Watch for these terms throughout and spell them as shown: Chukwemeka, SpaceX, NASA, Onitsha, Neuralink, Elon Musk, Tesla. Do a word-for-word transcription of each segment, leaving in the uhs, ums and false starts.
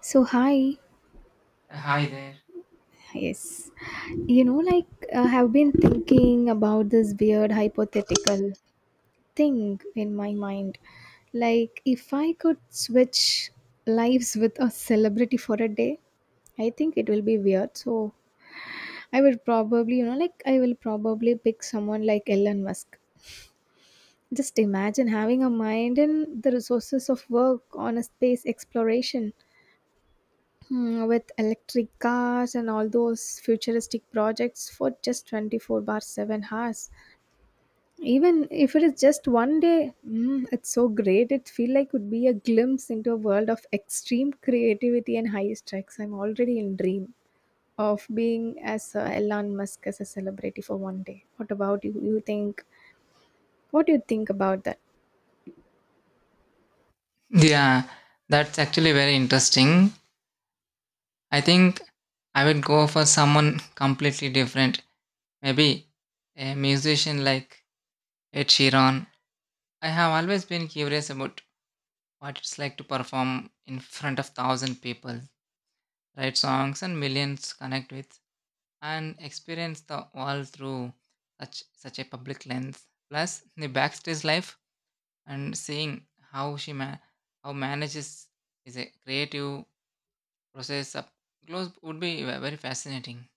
So, hi. Hi there. Yes. You know, like, I have been thinking about this weird hypothetical thing in my mind. Like, if I could switch lives with a celebrity for a day, I think it will be weird. So, I will probably, you know, like, I will probably pick someone like Elon Musk. Just imagine having a mind and the resources of work on a space exploration. Hmm, with electric cars and all those futuristic projects for just twenty-four bar seven hours, even if it is just one day. Mm, it's so great. It feel like would be a glimpse into a world of extreme creativity and high stakes. I'm already in dream of being as uh, Elon Musk as a celebrity for one day. What about you you think? What do you think about that? Yeah, that's actually very interesting. I think I would go for someone completely different. Maybe a musician like Ed Sheeran. I have always been curious about what it's like to perform in front of thousand people, write songs and millions connect with, and experience the world through such such a public lens. Plus the backstage life and seeing how she ma- how manages is a creative process up close would be ve- very fascinating.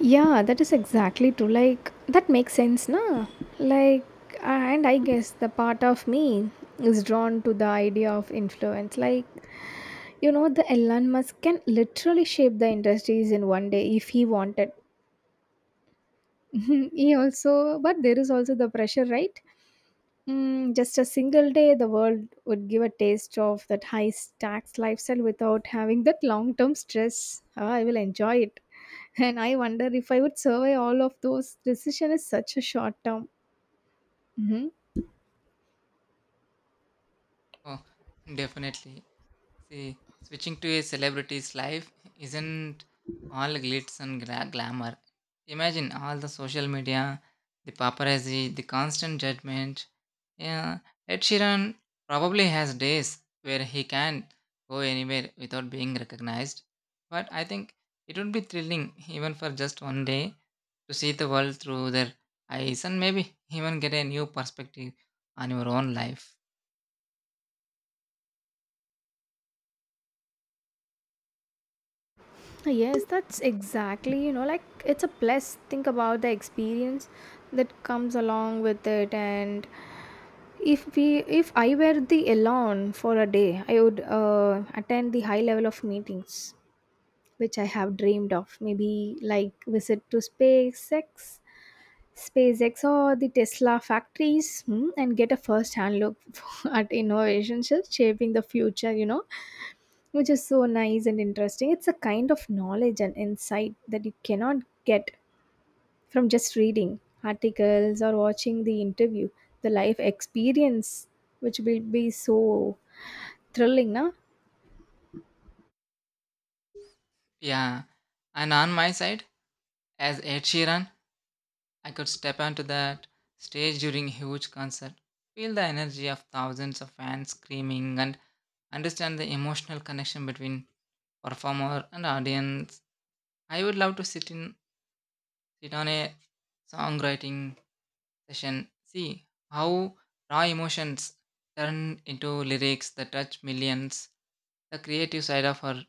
Yeah, that is exactly true. Like, that makes sense, na? Like, and I guess the part of me is drawn to the idea of influence. Like, you know, the Elon Musk can literally shape the industries in one day if he wanted. He also, but there is also the pressure, right? Mm, just a single day, the world would give a taste of that high tax lifestyle without having that long term stress. Ah, I will enjoy it. And I wonder if I would survive all of those. Decision is such a short term. hmm Oh, definitely. See, switching to a celebrity's life isn't all glitz and gra- glamour. Imagine all the social media, the paparazzi, the constant judgment. Yeah, Ed Sheeran probably has days where he can go anywhere without being recognized. But I think it would be thrilling, even for just one day, to see the world through their eyes and maybe even get a new perspective on your own life. Yes, that's exactly, you know, like it's a plus. Think about the experience that comes along with it. And if we, if I were the alone for a day, I would uh, attend the high level of meetings which I have dreamed of. Maybe like visit to SpaceX, SpaceX or the Tesla factories, hmm, and get a first-hand look at innovations shaping the future. You know, which is so nice and interesting. It's a kind of knowledge and insight that you cannot get from just reading articles or watching the interview. The life experience, which will be so thrilling, na? Yeah, and on my side, as Ed Sheeran, I could step onto that stage during a huge concert, feel the energy of thousands of fans screaming, and understand the emotional connection between performer and audience. I would love to sit in sit on a songwriting session, see how raw emotions turn into lyrics that touch millions. The creative side of her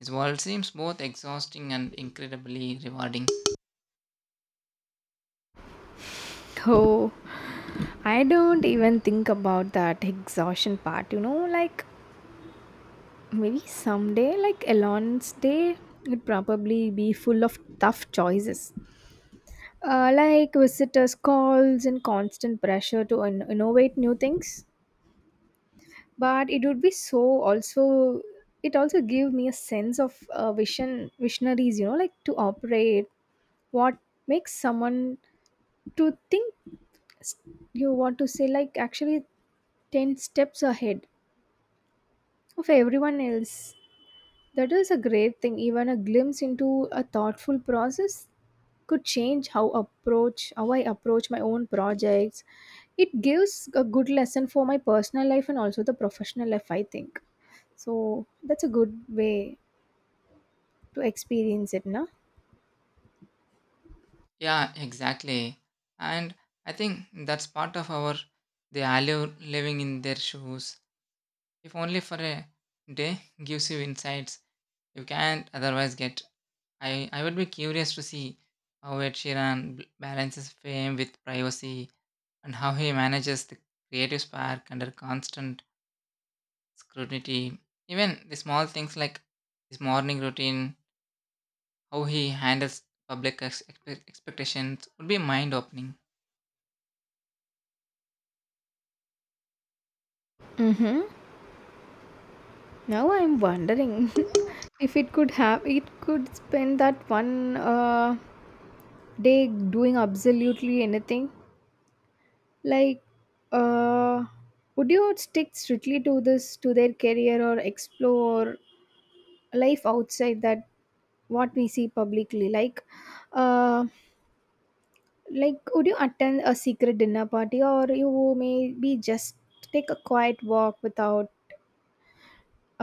his world seems both exhausting and incredibly rewarding. Oh, I don't even think about that exhaustion part, you know, like maybe someday, like Elon's day, would probably be full of tough choices, uh, like visitors' calls and constant pressure to in- innovate new things. But it would be so also. It also gave me a sense of uh, vision, visionaries. You know, like to operate. What makes someone to think? s- You want to say like actually ten steps ahead of everyone else. That is a great thing. Even a glimpse into a thoughtful process could change how approach how I approach my own projects. It gives a good lesson for my personal life and also the professional life, I think. So that's a good way to experience it, na? Yeah, exactly. And I think that's part of our the value living in their shoes. If only for a day gives you insights you can't otherwise get. I, I would be curious to see how Ed Sheeran b- balances fame with privacy and how he manages the creative spark under constant scrutiny. Even the small things like his morning routine, how he handles public ex- expect- expectations would be mind opening. Mm-hmm. Now I'm wondering if it could have it could spend that one uh, day doing absolutely anything. Like, uh, would you stick strictly to this to their career or explore life outside that what we see publicly, like uh like would you attend a secret dinner party, or you maybe just take a quiet walk without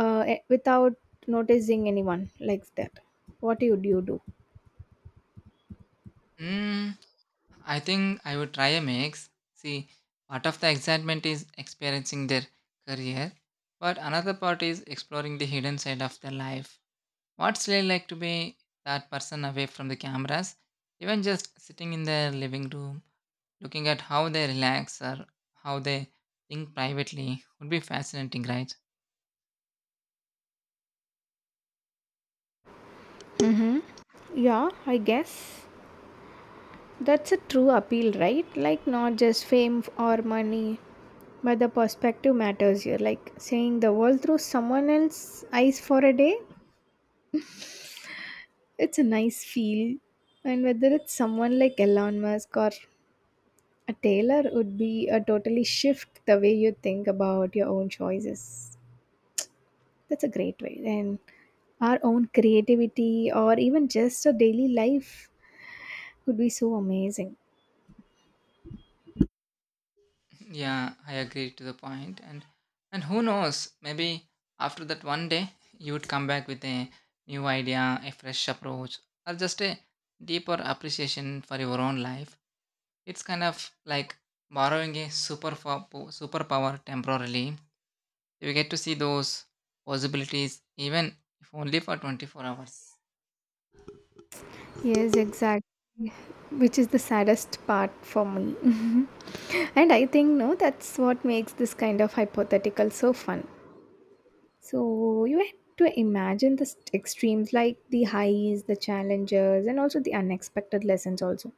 uh eh, without noticing anyone like that. What would you do? I think I would try a mix. See, part of the excitement is experiencing their career, but another part is exploring the hidden side of their life. What's it like to be that person away from the cameras? Even just sitting in their living room, looking at how they relax or how they think privately would be fascinating, right? Yeah, I guess that's a true appeal, right? Like not just fame or money, but the perspective matters here, like seeing the world through someone else's eyes for a day. It's a nice feel. And whether it's someone like Elon Musk or a tailor would be a totally shift the way you think about your own choices. That's a great way. And our own creativity or even just a daily life would be so amazing. Yeah, I agree to the point. And and who knows? Maybe after that one day, you would come back with a new idea, a fresh approach, or just a deeper appreciation for your own life. It's kind of like borrowing a super fo- po- superpower temporarily. You get to see those possibilities, even if only for twenty four hours. Yes, exactly. Which is the saddest part for me. And I think no, that's what makes this kind of hypothetical so fun. So you had to imagine the st- extremes like the highs, the challenges, and also the unexpected lessons also.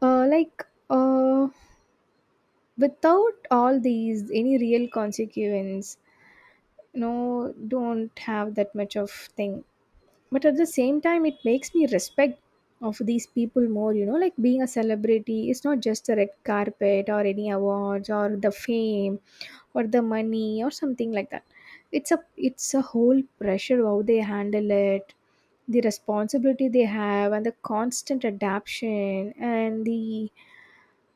Uh, like, uh, without all these any real consequence, you know, don't have that much of thing, but at the same time it makes me respect of these people more, you know, like being a celebrity is not just a red carpet or any awards or the fame or the money or something like that. It's a it's a whole pressure, how they handle it, the responsibility they have and the constant adaptation and the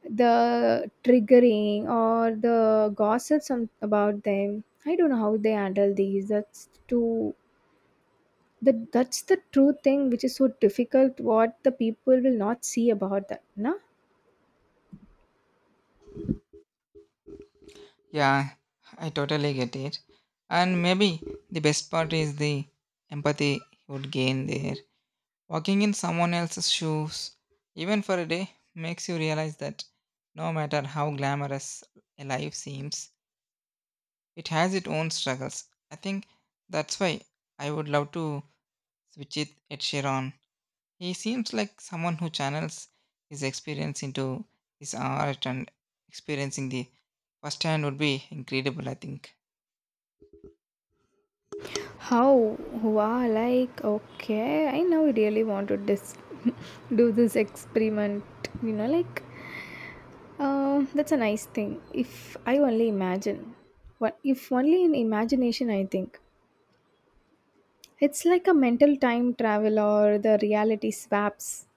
the triggering or the gossips some about them. I don't know how they handle these. That's too. That that's the true thing which is so difficult what the people will not see about that, no? Yeah, I totally get it. And maybe the best part is the empathy you would gain there. Walking in someone else's shoes, even for a day, makes you realize that no matter how glamorous a life seems, it has its own struggles. I think that's why I would love to switch it at Sharon. He seems like someone who channels his experience into his art, and experiencing the firsthand would be incredible, I think. How, wow, like okay, I now really want to dis- do this experiment, you know, like um that's a nice thing if I only imagine what if only in imagination. I think it's like a mental time travel or the reality swaps,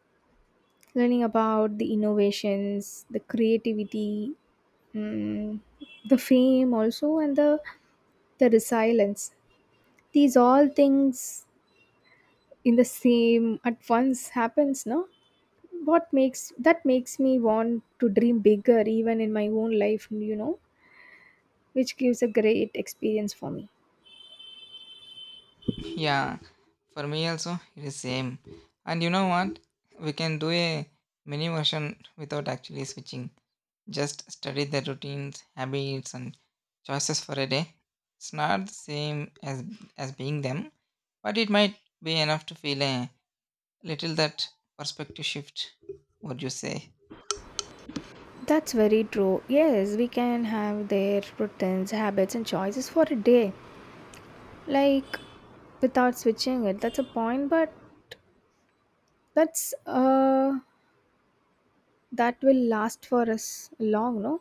learning about the innovations, the creativity, mm, the fame also, and the the resilience. These all things in the same at once happens, no? What makes that makes me want to dream bigger even in my own life, you know, which gives a great experience for me. Yeah, for me also, it is same. And you know what? We can do a mini version without actually switching, just study their routines, habits, and choices for a day. It's not the same as as being them, but it might be enough to feel a little that perspective shift. Would you say? That's very true. Yes, we can have their routines, habits, and choices for a day. Like without switching it, that's a point, but that's uh that will last for us long, no?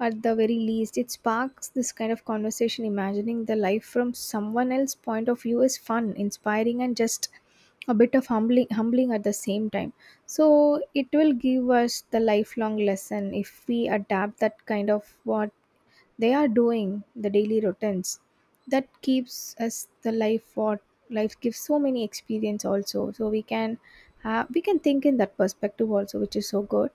At the very least, it sparks this kind of conversation. Imagining the life from someone else's point of view is fun, inspiring, and just a bit of humbling humbling at the same time. So it will give us the lifelong lesson if we adapt that kind of what they are doing, the daily routines that keeps us the life what life gives so many experience also. So we can uh, we can think in that perspective also, which is so good.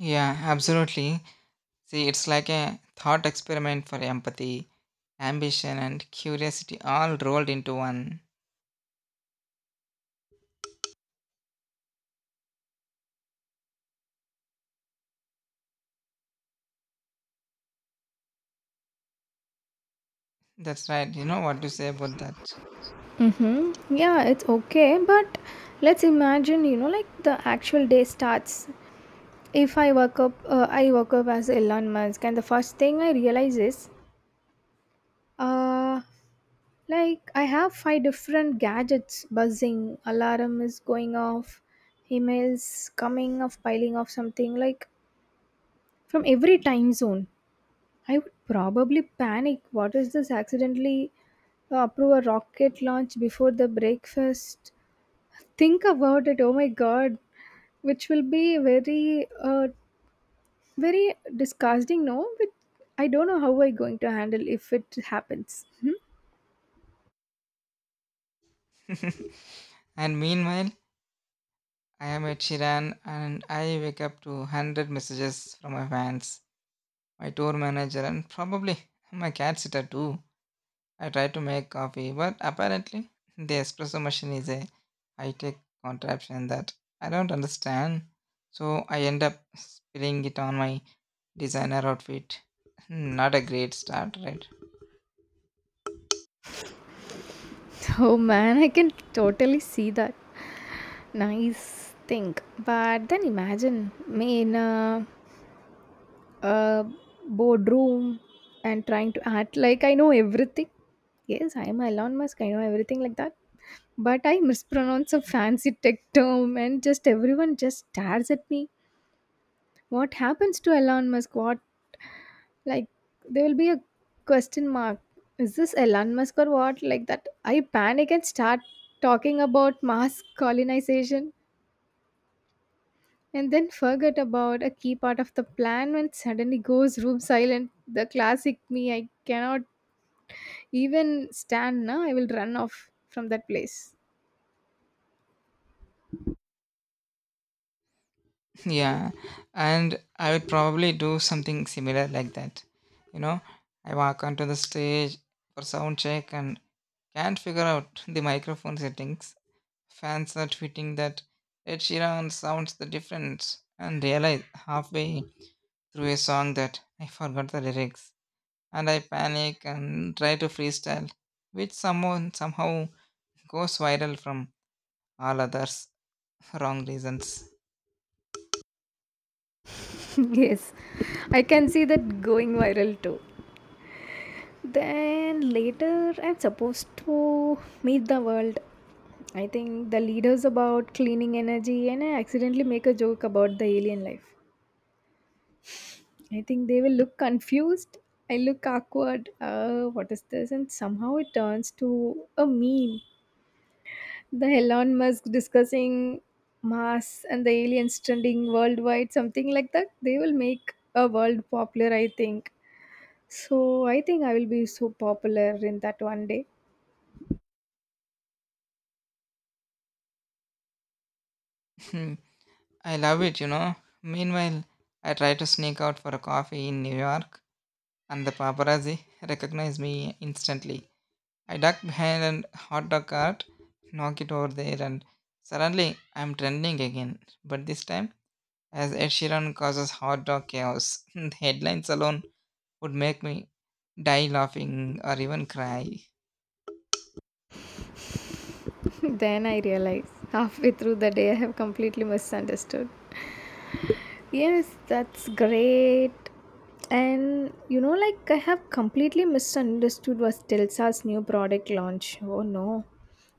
Yeah, absolutely. See, it's like a thought experiment for empathy, ambition, and curiosity all rolled into one. That's right. You know what to say about that. Mm-hmm. Yeah, it's okay. But let's imagine, you know, like the actual day starts. If I work up, uh, I work up as Elon Musk, and the first thing I realize is, uh, like, I have five different gadgets buzzing, alarm is going off, emails coming off, piling off something like from every time zone. I would probably panic. What is this? Accidentally uh, approve a rocket launch before the breakfast. Think about it. Oh my god, which will be very, uh, very disgusting. No, but I don't know how I'm going to handle if it happens. And meanwhile, I am at Shiran and I wake up to one hundred messages from my fans, my tour manager, and probably my cat sitter too. I tried to make coffee, but apparently the espresso machine is a high tech contraption that I don't understand. So I end up spilling it on my designer outfit. Not a great start, right? Oh man, I can totally see that. Nice thing. But then imagine me in a, a boardroom and trying to act like I know everything. Yes, I am Elon Musk. I know everything like that. But I mispronounce a fancy tech term and just everyone just stares at me. What happens to Elon Musk? What? Like, there will be a question mark. Is this Elon Musk or what? Like that. I panic and start talking about mass colonization and then forget about a key part of the plan when suddenly goes room silent. The classic me. I cannot even stand now. I will run off from that place. Yeah, and I would probably do something similar like that. You know, I walk onto the stage for sound check and can't figure out the microphone settings. Fans are tweeting that Ed Sheeran sounds the difference and realize halfway through a song that I forgot the lyrics and I panic and try to freestyle, which someone somehow goes viral from all others wrong reasons. Yes, I can see that going viral too. Then later, I'm supposed to meet the world. I think the leaders about cleaning energy, and I accidentally make a joke about the alien life. I think they will look confused. I look awkward. Uh, what is this? And somehow it turns to a meme. The Elon Musk discussing Mars and the aliens trending worldwide, something like that. They will make a world popular, I think. So I think I will be so popular in that one day. Hmm, I love it, you know. Meanwhile, I try to sneak out for a coffee in New York and the paparazzi recognize me instantly. I ducked behind an hot dog cart, knock it over there, and suddenly I'm trending again. But this time, as Ed Sheeran causes hot dog chaos, the headlines alone would make me die laughing or even cry. Then I realize halfway through the day I have completely misunderstood. Yes, that's great. And you know, like I have completely misunderstood was Telsa's new product launch. Oh no.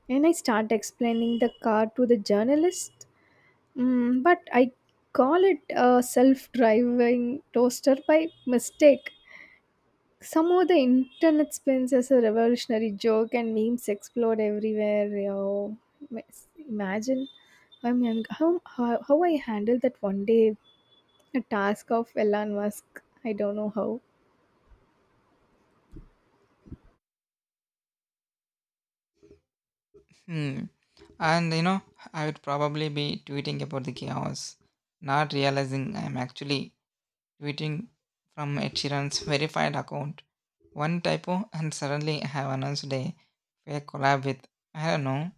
And I start explaining the car to the journalist. Mm, but I call it a self driving toaster by mistake. Somehow the internet spins as a revolutionary joke and memes explode everywhere. Oh, imagine. I mean, how, how, how I handled that one day, a task of Elon Musk. I don't know how. Hmm. And you know, I would probably be tweeting about the chaos, not realizing I'm actually tweeting from Ed Sheeran's verified account. One typo, and suddenly I have announced a fake collab with, I don't know,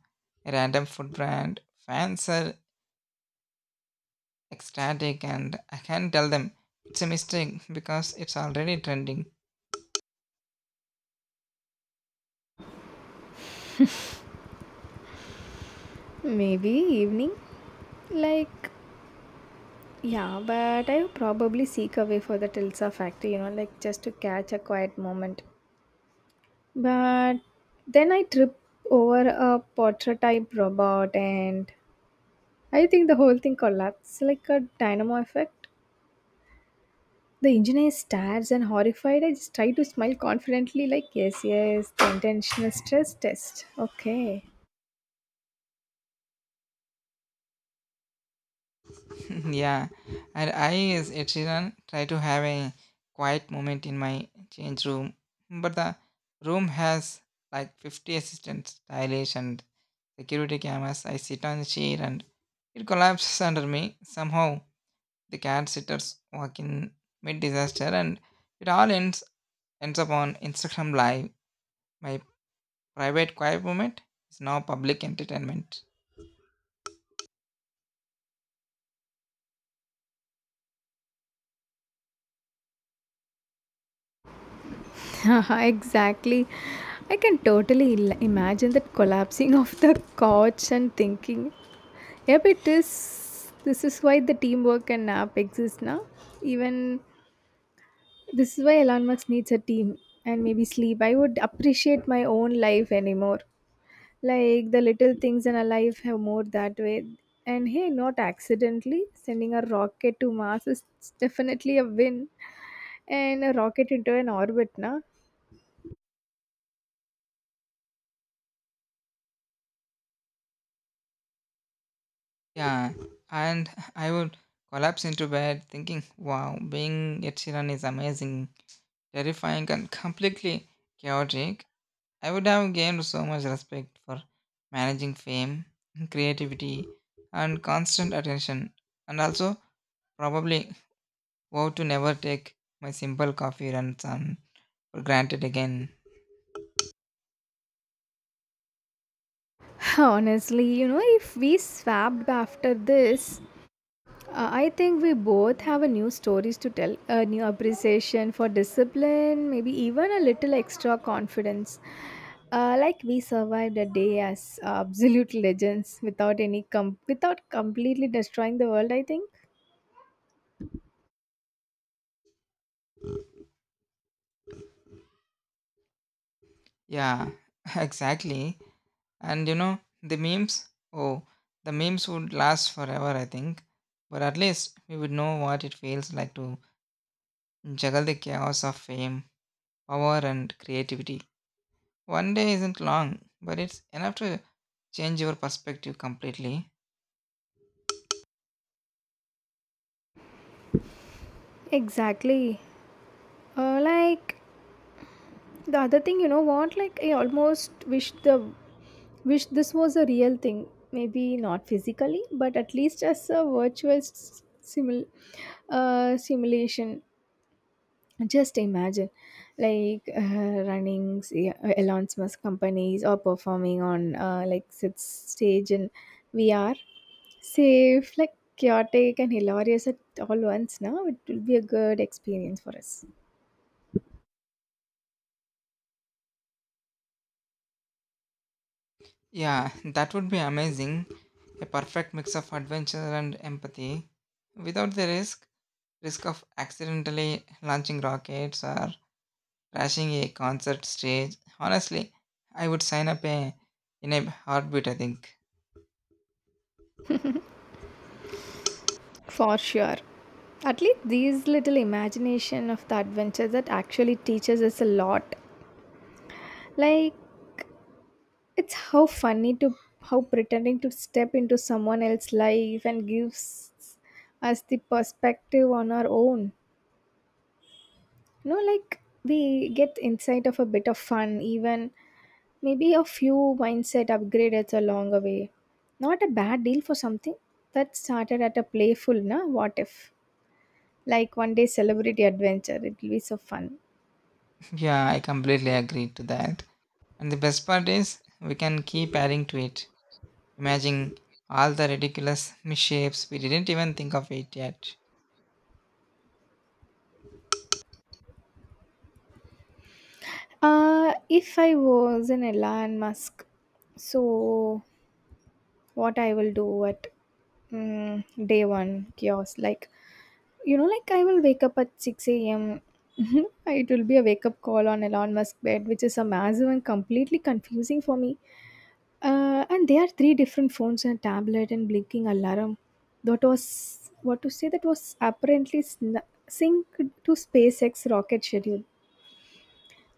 a random food brand. Fans are ecstatic, and I can't tell them it's a mistake because it's already trending. Maybe evening? Like, yeah, but I would probably seek away for the Tilsa factory, you know, like just to catch a quiet moment. But then I trip over a portrait type robot and I think the whole thing collapses like a dynamo effect. The engineer stares and horrified. I just try to smile confidently, like, yes, yes, the intentional stress test. Okay. Yeah, and I, as a children, try to have a quiet moment in my change room, but the room has like fifty assistants, stylish and security cameras. I sit on the chair and it collapses under me. Somehow, the cat sitters walk in mid disaster, and it all ends ends up on Instagram Live. My private quiet moment is now public entertainment. Exactly. I can totally il- imagine that collapsing of the couch and thinking, yep, it is. This is why the teamwork and nap exist now. Even this is why Elon Musk needs a team and maybe sleep. I would appreciate my own life anymore. Like the little things in our life have more that way. And hey, not accidentally, sending a rocket to Mars is definitely a win. And a rocket into an orbit, na? Yeah, and I would collapse into bed thinking, wow, being Ed Sheeran is amazing, terrifying, and completely chaotic. I would have gained so much respect for managing fame, creativity, and constant attention, and also probably vow to never take my simple coffee run some for granted again. Honestly, you know, if we swapped after this, uh, I think we both have a new stories to tell, a new appreciation for discipline, maybe even a little extra confidence. Uh, like we survived a day as absolute legends without any com- without completely destroying the world, I think. Yeah, exactly. And you know, the memes, oh, the memes would last forever, I think. But at least we would know what it feels like to juggle the chaos of fame, power, and creativity. One day isn't long, but it's enough to change your perspective completely. Exactly. Uh, like the other thing you know what like I almost wish the wish this was a real thing, maybe not physically but at least as a virtual s- simul- uh, simulation. Just imagine, like, uh, running, say, uh, Elon Musk companies, or performing on, uh, like sit- stage in VR. Safe, like, chaotic and hilarious at all once. Now it will be a good experience for us. Yeah, that would be amazing. A perfect mix of adventure and empathy without the risk risk of accidentally launching rockets or crashing a concert stage. Honestly, I would sign up a, in a heartbeat, I think. For sure. At least these little imagination of the adventure that actually teaches us a lot. Like, it's how funny to how pretending to step into someone else's life and gives us the perspective on our own. You know, like, we get insight of a bit of fun, even maybe a few mindset upgrades along the way. Not a bad deal for something that started at a playful, na, what if? Like, one day celebrity adventure, it will be so fun. Yeah, I completely agree to that. And the best part is, we can keep adding to it. Imagine all the ridiculous misshapes we didn't even think of it yet. Uh if I was an Elon Musk, so what I will do at mm, day one chaos. Like, you know, like, I will wake up at six a.m. It will be a wake up call on Elon Musk bed, which is a massive and completely confusing for me. Uh, and there are three different phones and a tablet and blinking alarm. That was what to say. That was apparently sn- synced to SpaceX rocket schedule.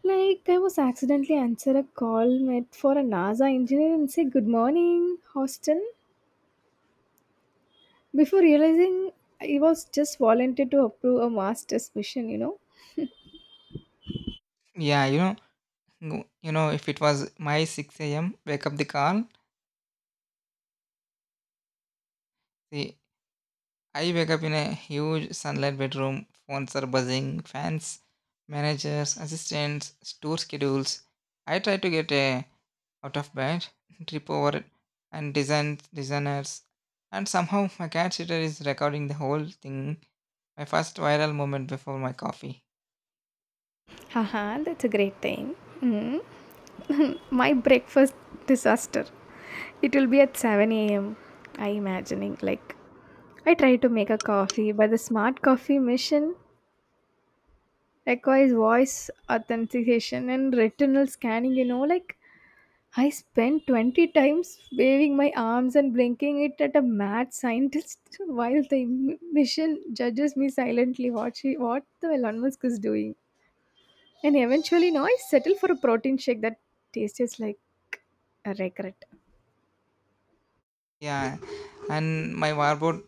Like, I was accidentally answer a call made for a NASA engineer and say, good morning, Houston, before realizing he was just volunteered to approve a master's mission, you know. Yeah, you know, go- you know, if it was my six a m wake up the call, see, I wake up in a huge sunlight bedroom. Phones are buzzing, fans, managers, assistants, tour schedules. I try to get a out of bed, trip over it, and design designers. And somehow my cat sitter is recording the whole thing. My first viral moment before my coffee. Haha, that's a great thing. Mm. My breakfast disaster, it will be at seven a m. I imagining, like, I try to make a coffee, but the smart coffee machine requires voice authentication and retinal scanning. You know, like, I spent twenty times waving my arms and blinking it at a mad scientist while the m- mission judges me silently. What she, what the Elon Musk is doing, and eventually, no, I settle for a protein shake that tastes like a regret. Yeah. And my wardrobe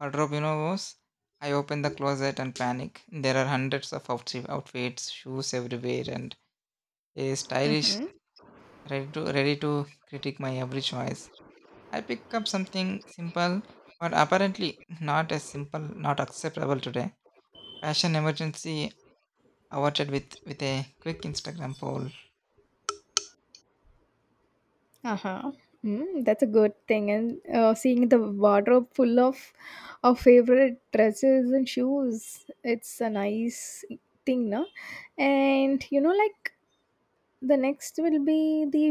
wardrobe, you know, was I open the closet and panic. There are hundreds of outfit, outfits, shoes everywhere, and a stylish ready to ready to critique my every choice. I pick up something simple, but apparently not as simple, not acceptable today. Fashion emergency awarded with with a quick Instagram poll. Uh-huh. Mm, that's a good thing. And, uh, seeing the wardrobe full of our favorite dresses and shoes, it's a nice thing, no? And you know, like, the next will be the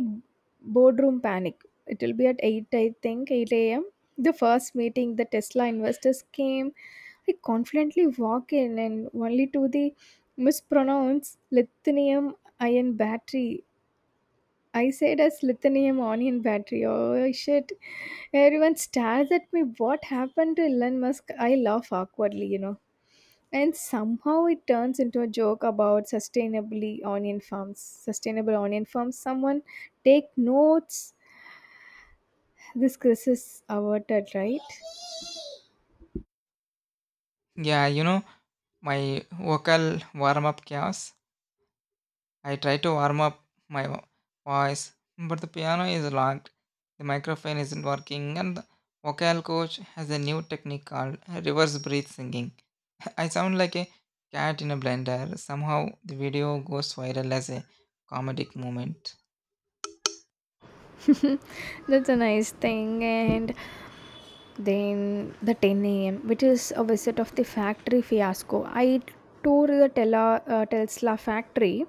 boardroom panic. It will be at eight, I think, eight a m. The first meeting, the Tesla investors came. I confidently walk in and only to the mispronounce lithium ion battery. I said as lithium ion battery. Oh shit. Everyone stares at me. What happened to Elon Musk? I laugh awkwardly, you know. And somehow it turns into a joke about sustainably onion farms. Sustainable onion farms. Someone take notes. This crisis averted, right? Yeah, you know my vocal warm up chaos. I try to warm up my vo- voice, but the piano is locked, the microphone isn't working, and the vocal coach has a new technique called reverse breath singing. I sound like a cat in a blender. Somehow the video goes viral as a comedic moment. That's a nice thing. And then the ten a m, which is a visit of the factory fiasco. I toured the Tela, uh, Tesla factory.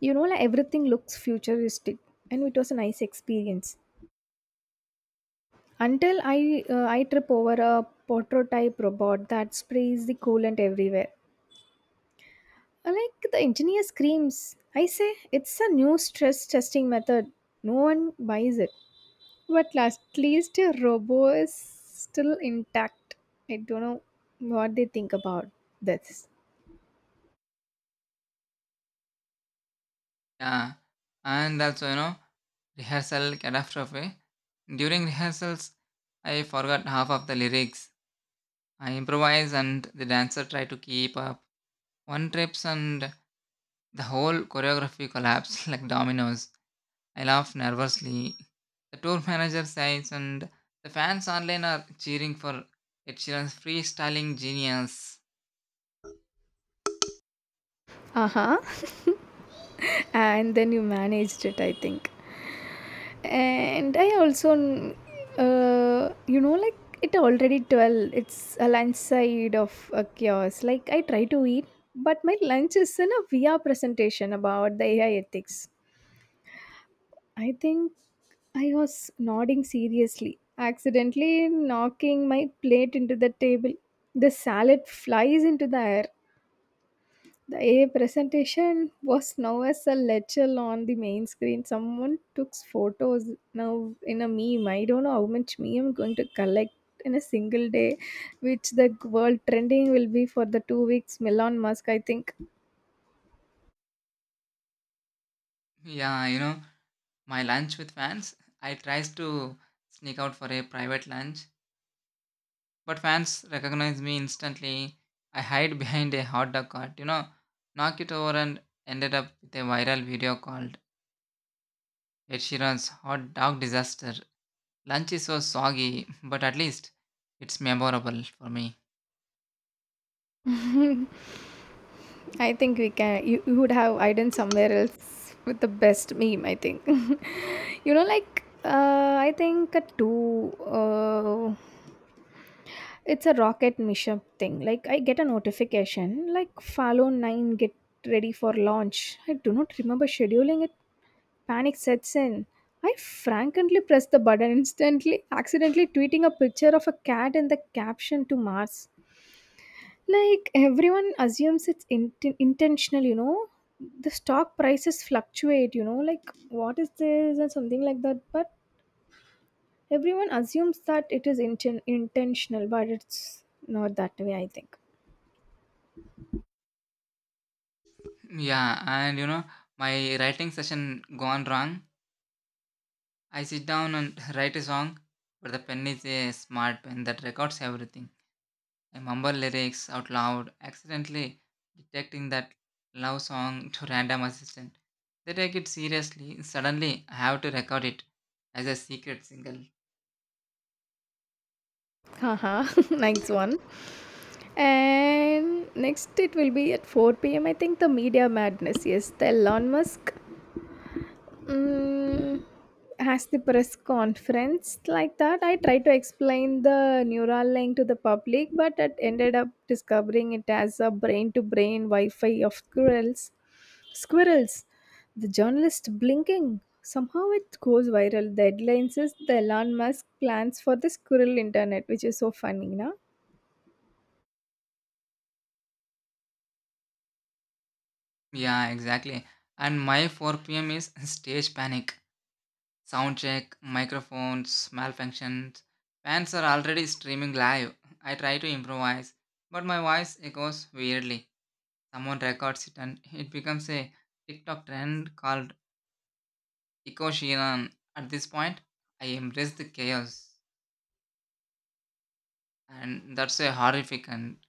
You know, like, everything looks futuristic, and it was a nice experience. Until I, uh, I trip over a prototype robot that sprays the coolant everywhere. Uh, Like the engineer screams, I say it's a new stress testing method. No one buys it. But last, at least a robo is still intact. I don't know what they think about this. Yeah, and also you know, rehearsal catastrophe. During rehearsals, I forgot half of the lyrics. I improvise and the dancer tried to keep up. One trips and the whole choreography collapsed like dominoes. I laugh nervously. The tour manager sighs and the fans online are cheering for Ed Sheeran's freestyling genius. Uh huh. And then you managed it, I think. And I also, uh, you know, like, it already twelve, it's a lunch side of a chaos. Like, I try to eat, but my lunch is in a V R presentation about the A I ethics. I think I was nodding seriously, accidentally knocking my plate into the table. The salad flies into the air. The A presentation was now as a lecture on the main screen. Someone took photos now in a meme. I don't know how much meme I'm going to collect in a single day, which the world trending will be for the two weeks. Elon Musk, I think. Yeah, you know, my lunch with fans. I tries to sneak out for a private lunch. But fans recognize me instantly. I hide behind a hot dog cart, you know, knock it over and ended up with a viral video called Ed Sheeran's Hot Dog Disaster. Lunch is so soggy, but at least it's memorable for me. I think we can. You, you would have hidden somewhere else with the best meme, I think. You know, like, uh, I think a two. Uh, it's a rocket mission thing. Like, I get a notification, like, Fallow Nine, get ready for launch. I do not remember scheduling it. Panic sets in. I frankly press the button instantly, accidentally tweeting a picture of a cat in the caption to Mars. Like, everyone assumes it's int- intentional, you know. The stock prices fluctuate. You know, like, what is this and something like that. But everyone assumes that it is inten- intentional, but it's not that way, I think. Yeah, and you know, my writing session gone wrong. I sit down and write a song, but the pen is a smart pen that records everything. I mumble lyrics out loud, accidentally detecting that love song to random assistant. They take it seriously. Suddenly, I have to record it as a secret single. Haha. Next one. And next, it will be at four p.m., I think, the media madness. Yes, the Elon Musk, Mm, has the press conference. Like that, I tried to explain the neural link to the public, but it ended up discovering it as a brain to brain wi-fi of squirrels squirrels The journalist blinking, somehow it goes viral. The headline says the Elon Musk plans for the squirrel internet, which is so funny, na. Yeah, exactly. And my four p m is stage panic. Sound check, microphones, malfunctions. Fans are already streaming live. I try to improvise, but my voice echoes weirdly. Someone records it and it becomes a TikTok trend called Ecoshinan. At this point, I embrace the chaos, and that's a horrific and